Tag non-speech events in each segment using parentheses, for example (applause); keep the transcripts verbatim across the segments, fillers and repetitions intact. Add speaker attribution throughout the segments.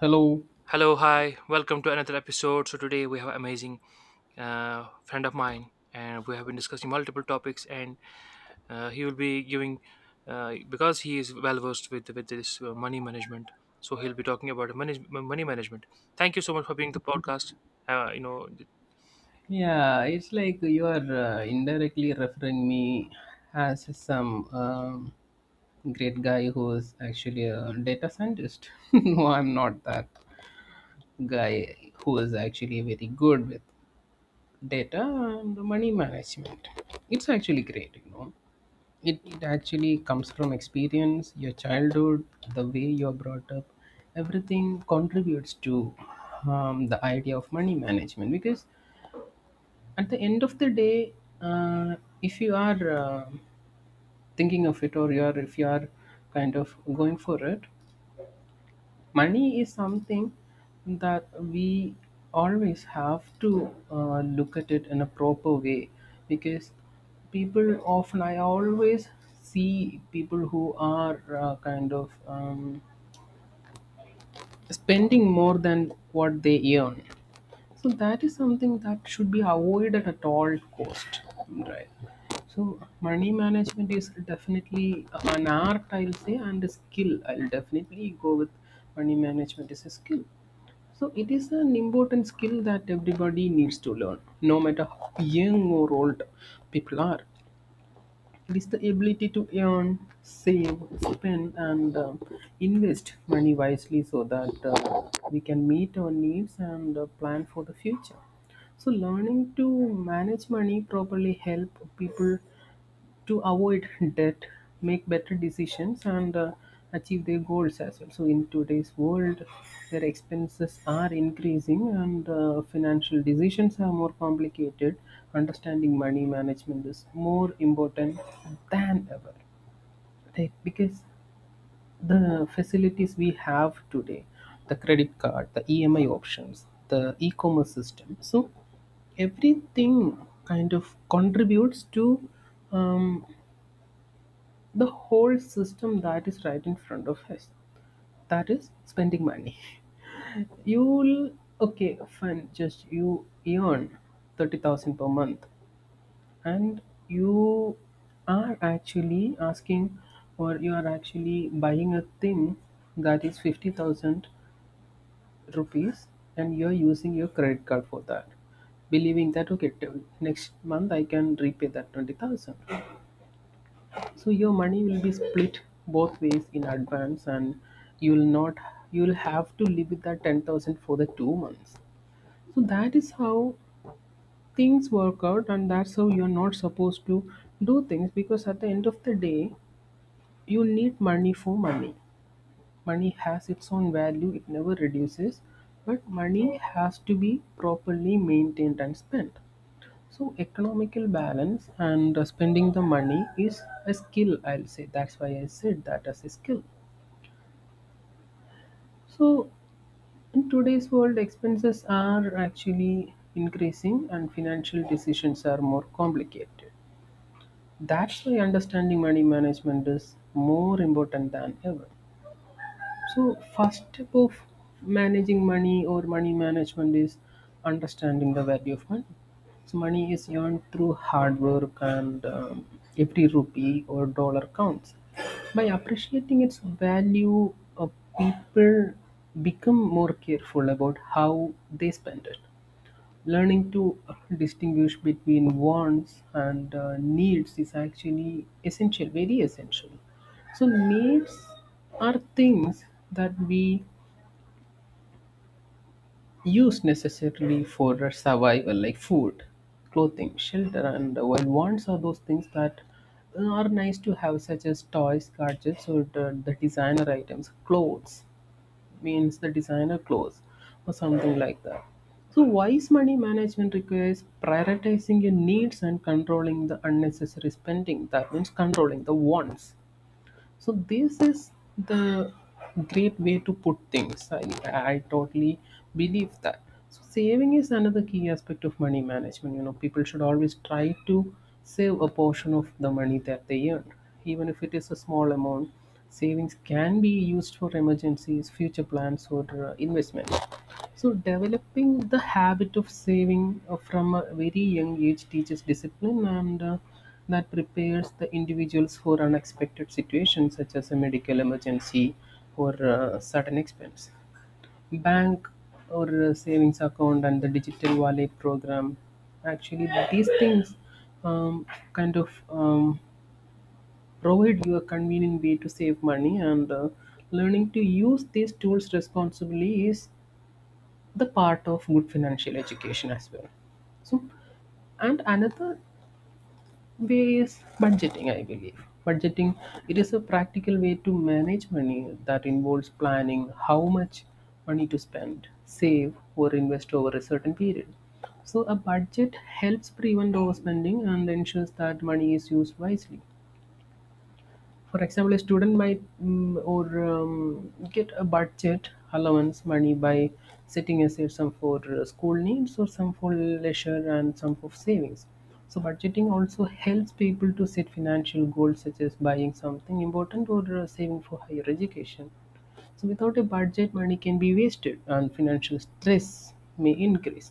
Speaker 1: Hello.
Speaker 2: Hello, hi, welcome to another episode. So today we have an amazing uh, friend of mine, and we have been discussing multiple topics. And uh, he will be giving uh, because he is well versed with with this uh, money management. So he'll be talking about money money management. Thank you so much for being the podcast. Uh, you know,
Speaker 1: Yeah, it's like you are uh, indirectly referring me as some um, great guy who is actually a data scientist. (laughs) No, I'm not that guy who is actually very good with data and money management. It's actually great, you know. It, it actually comes from experience, your childhood, the way you're brought up, everything contributes to um, the idea of money management because at the end of the day, uh, if you are uh, thinking of it, or you are if you are kind of going for it, money is something that we always have to uh, look at it in a proper way, because people often I always see people who are uh, kind of um, spending more than what they earn. So that is something that should be avoided at all cost, right? So money management is definitely an art, I'll say, and a skill. I'll definitely go with money management is a skill. So it is an important skill that everybody needs to learn, no matter how young or old people are. It is the ability to earn, save, spend, and uh, invest money wisely so that uh, we can meet our needs and uh, plan for the future. So, learning to manage money properly help people to avoid debt, make better decisions, and uh, achieve their goals as well. So, in today's world, their expenses are increasing, and uh, financial decisions are more complicated. Understanding money management is more important than ever, right? Because the facilities we have today, the credit card, the E M I options, the e-commerce system, so everything kind of contributes to um, the whole system that is right in front of us that is spending money. You'll okay, fine, just you earn thirty thousand per month, and you are actually asking or you are actually buying a thing that is fifty thousand rupees, and you're using your credit card for that, believing that okay, till next month I can repay that twenty thousand. So your money will be split both ways in advance, and you'll not you'll have to live with that ten thousand for the two months. So that is how things work out, and that's how you're not supposed to do things because at the end of the day, you need money for money. Money has its own value; it never reduces, but money has to be properly maintained and spent. So economical balance and uh, spending the money is a skill. I'll say that's why I said that as a skill. So in today's world, expenses are actually increasing and financial decisions are more complicated. That's why understanding money management is more important than ever. So, first step of managing money or money management is understanding the value of money. So, money is earned through hard work, and um, every rupee or dollar counts. By appreciating its value, uh, people become more careful about how they spend it. Learning to distinguish between wants and uh, needs is actually essential, very essential. So, needs are things that we use necessarily for our survival, like food, clothing, shelter, and uh, while wants are those things that are nice to have, such as toys, gadgets, or the, the designer items, clothes means the designer clothes or something like that. So, wise money management requires prioritizing your needs and controlling the unnecessary spending. That means controlling the wants. So this is the great way to put things. i, I totally believe that. So saving is another key aspect of money management, you know. People should always try to save a portion of the money that they earn, even if it is a small amount. Savings can be used for emergencies, future plans, or uh, investment. So developing the habit of saving uh, from a very young age teaches discipline and uh, that prepares the individuals for unexpected situations such as a medical emergency or uh, sudden expense. Bank or uh, savings account and the digital wallet program, actually these things um, kind of um, provide you a convenient way to save money, and uh, learning to use these tools responsibly is the part of good financial education as well. So, and another way is budgeting, I believe. Budgeting, it is a practical way to manage money that involves planning how much money to spend, save, or invest over a certain period. So, a budget helps prevent overspending and ensures that money is used wisely. For example, a student might mm, or um, get a budget allowance money by setting aside some for uh, school needs or some for leisure and some for savings. So budgeting also helps people to set financial goals such as buying something important or uh, saving for higher education. So without a budget, money can be wasted and financial stress may increase.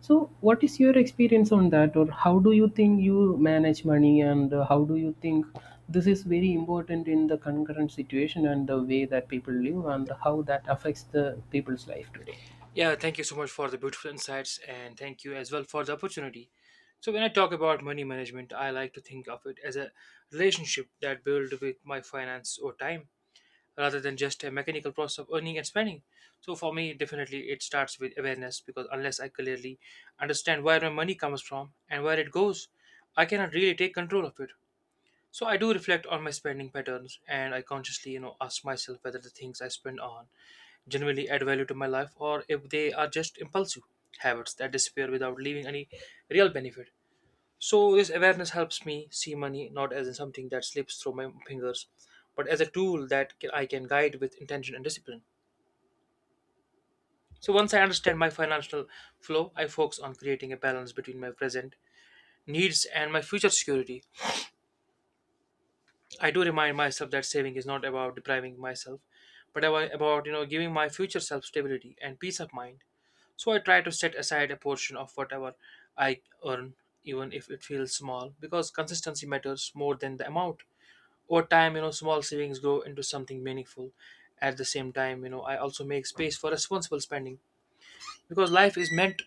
Speaker 1: So what is your experience on that, or how do you think you manage money, and uh, how do you think this is very important in the concurrent situation and the way that people live and how that affects the people's life today?
Speaker 2: yeah, thank you so much for the beautiful insights, and thank you as well for the opportunity. So when I talk about money management, I like to think of it as a relationship that build with my finance over time rather than just a mechanical process of earning and spending. So for me, definitely it starts with awareness because unless I clearly understand where my money comes from and where it goes, I cannot really take control of it. So I do reflect on my spending patterns and I consciously, you know, ask myself whether the things I spend on genuinely add value to my life or if they are just impulsive habits that disappear without leaving any real benefit. So this awareness helps me see money not as something that slips through my fingers, but as a tool that ca- I can guide with intention and discipline. So once I understand my financial flow, I focus on creating a balance between my present needs and my future security. I do remind myself that saving is not about depriving myself, but about about, you know, giving my future self stability and peace of mind. So I try to set aside a portion of whatever I earn, even if it feels small, because consistency matters more than the amount. Over time, you know, small savings grow into something meaningful. At the same time, you know, I also make space for responsible spending, because life is meant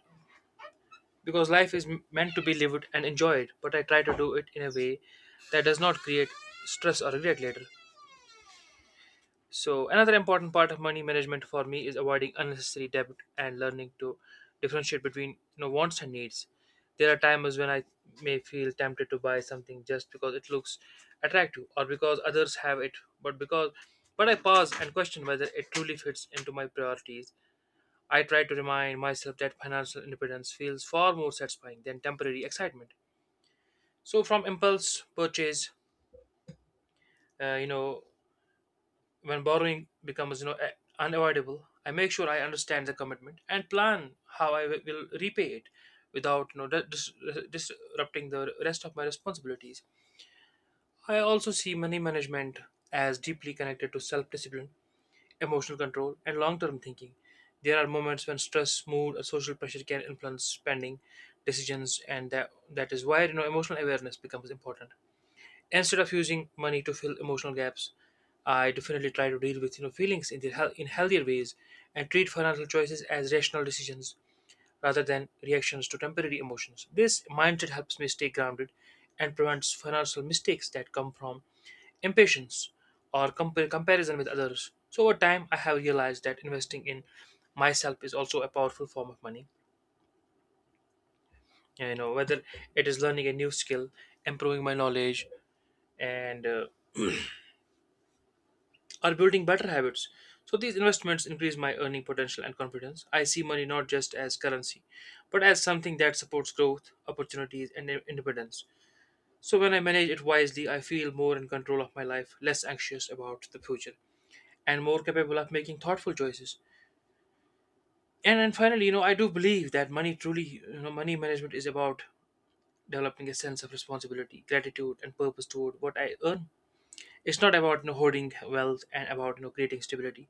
Speaker 2: because life is m- meant to be lived and enjoyed, but I try to do it in a way that does not create stress or regret later. So another important part of money management for me is avoiding unnecessary debt and learning to differentiate between, you know, wants and needs. There are times when I may feel tempted to buy something just because it looks attractive or because others have it, but because but I pause and question whether it truly fits into my priorities. I try to remind myself that financial independence feels far more satisfying than temporary excitement. So from impulse purchase, uh, you know, when borrowing becomes, you know, a- unavoidable, I make sure I understand the commitment and plan how I wi- will repay it without, you know, di- dis- disrupting the rest of my responsibilities. I also see money management as deeply connected to self discipline, emotional control, and long term thinking. There are moments when stress, mood, or social pressure can influence spending decisions, and that, that is why, you know, emotional awareness becomes important. Instead of using money to fill emotional gaps, I definitely try to deal with, you know, feelings in the hel- in healthier ways and treat financial choices as rational decisions rather than reactions to temporary emotions. This mindset helps me stay grounded and prevents financial mistakes that come from impatience or compa- comparison with others. So over time I have realized that investing in myself is also a powerful form of money, you know, whether it is learning a new skill, improving my knowledge, and uh, are building better habits. So these investments increase my earning potential and confidence. I see money not just as currency, but as something that supports growth, opportunities, and in- independence. So when I manage it wisely, I feel more in control of my life, less anxious about the future, and more capable of making thoughtful choices. And then finally, you know, I do believe that money truly, you know, money management is about developing a sense of responsibility, gratitude, and purpose toward what I earn. It's not about, you know, hoarding wealth, and about, you know, creating stability,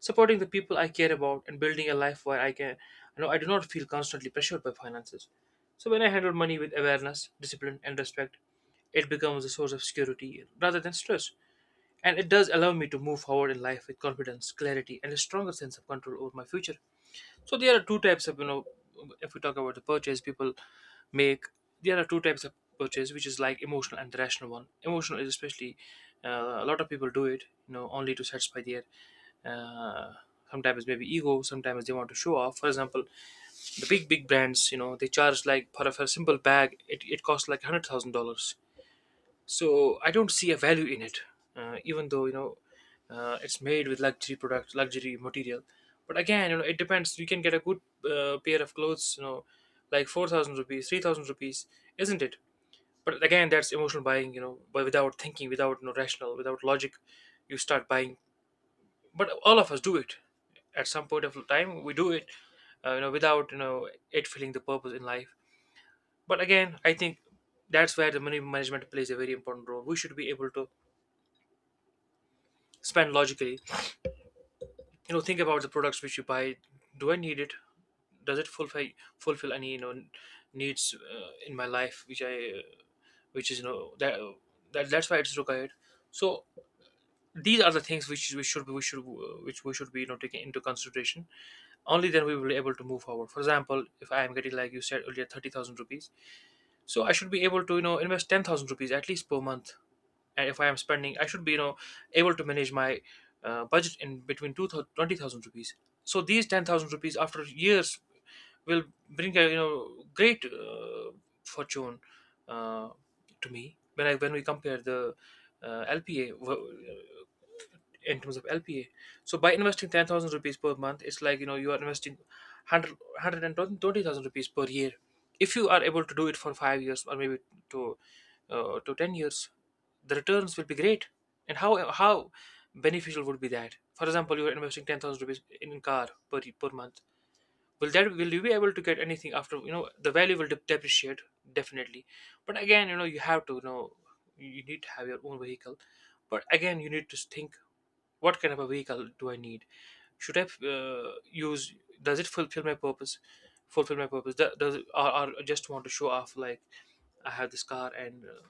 Speaker 2: supporting the people I care about, and building a life where I can, you know, I do not feel constantly pressured by finances. So when I handle money with awareness, discipline, and respect, it becomes a source of security rather than stress. And it does allow me to move forward in life with confidence, clarity, and a stronger sense of control over my future. So there are two types of, you know, if we talk about the purchase people make, there are two types of purchase, which is like emotional and the rational one. Emotional is especially, uh, a lot of people do it, you know, only to satisfy their uh, sometimes maybe ego, sometimes they want to show off. For example, the big big brands, you know, they charge like for a, for a simple bag, it, it costs like one hundred thousand dollars. So I don't see a value in it. uh, even though, you know, uh, it's made with luxury product, luxury material. But again, you know, it depends. You can get a good uh, pair of clothes, you know, like four thousand rupees, three thousand rupees, isn't it? But again, that's emotional buying, you know, but without thinking, without no rational, without logic, you start buying. But all of us do it. At some point of time we do it, uh, you know, without, you know, it filling the purpose in life. But again, I think that's where the money management plays a very important role. We should be able to spend logically, you know, think about the products which you buy. Do I need it? Does it fulfill fulfill any, you know, needs uh, in my life which I uh, which is, you know, that, that that's why it's required. So these are the things which we should we should uh, which we should be, you know, taking into consideration. Only then we will be able to move forward. For example, if I am getting, like you said earlier, thirty thousand rupees, so I should be able to, you know, invest ten thousand rupees at least per month. And if I am spending, I should be, you know, able to manage my uh, budget in between two thousand twenty thousand rupees. So these ten thousand rupees after years will bring a, you know, great uh, fortune uh, to me when I when we compare the uh, lpa in terms of L P A. So by investing ten thousand rupees per month, it's like, you know, you are investing hundred hundred and twenty thousand rupees per year. If you are able to do it for five years or maybe to, uh, to ten years, the returns will be great. And how, how beneficial would be that? For example, you are investing ten thousand rupees in car per, per month. Will that, will you be able to get anything after, you know, the value will dep- depreciate, definitely. But again, you know, you have to, you know, you need to have your own vehicle. But again, you need to think what kind of a vehicle do I need. Should I uh, use, does it fulfill my purpose fulfill my purpose? Do- does it, or, or just want to show off like I have this car, and uh,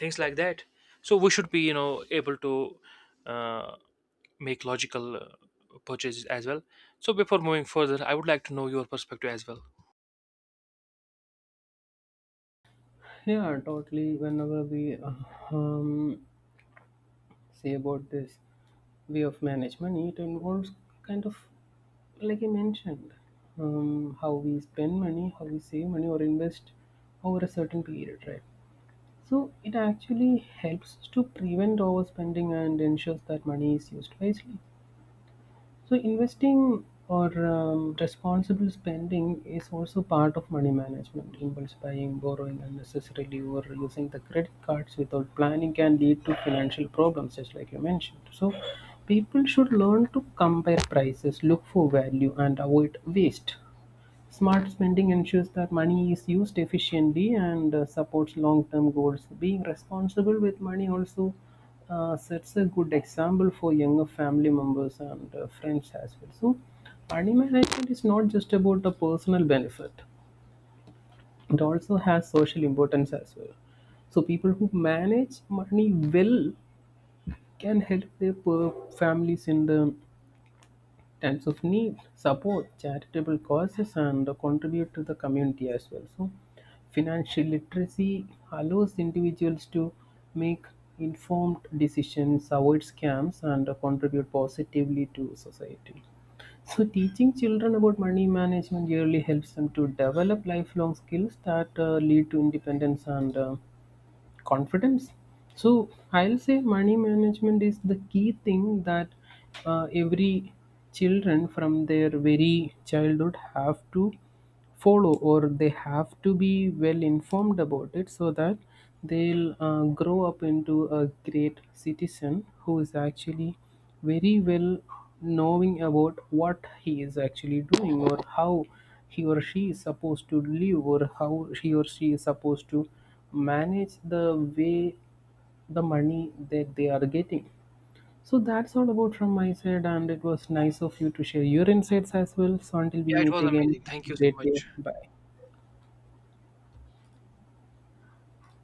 Speaker 2: things like that. So we should be, you know, able to uh, make logical uh, purchases as well. So before moving further, I would like to know your perspective as well.
Speaker 1: Yeah, totally. Whenever we uh, um, say about this way of management, it involves kind of, like I mentioned, um, how we spend money, how we save money or invest over a certain period, right? So it actually helps to prevent overspending and ensures that money is used wisely. So investing or um, responsible spending is also part of money management. Impulse buying, borrowing unnecessarily, or using the credit cards without planning can lead to financial problems, just like you mentioned. So people should learn to compare prices, look for value, and avoid waste. Smart spending ensures that money is used efficiently and uh, supports long term goals. Being responsible with money also uh, sets a good example for younger family members and uh, friends as well. So, money management is not just about the personal benefit, it also has social importance as well. So, people who manage money well can help their per- families in the times of need, support charitable causes, and contribute to the community as well. So, financial literacy allows individuals to make informed decisions, avoid scams, and contribute positively to society. So, teaching children about money management really helps them to develop lifelong skills that uh, lead to independence and uh, confidence. So I'll say money management is the key thing that uh, every children from their very childhood have to follow, or they have to be well informed about it so that they'll uh, grow up into a great citizen who is actually very well knowing about what he is actually doing or how he or she is supposed to live or how he or she is supposed to manage the way the money that they are getting. So that's all about from my side, and it was nice of you to share your insights as well. So until we
Speaker 2: Yeah, it
Speaker 1: meet
Speaker 2: was
Speaker 1: again,
Speaker 2: amazing. Thank you so
Speaker 1: great day.
Speaker 2: much.
Speaker 1: Bye.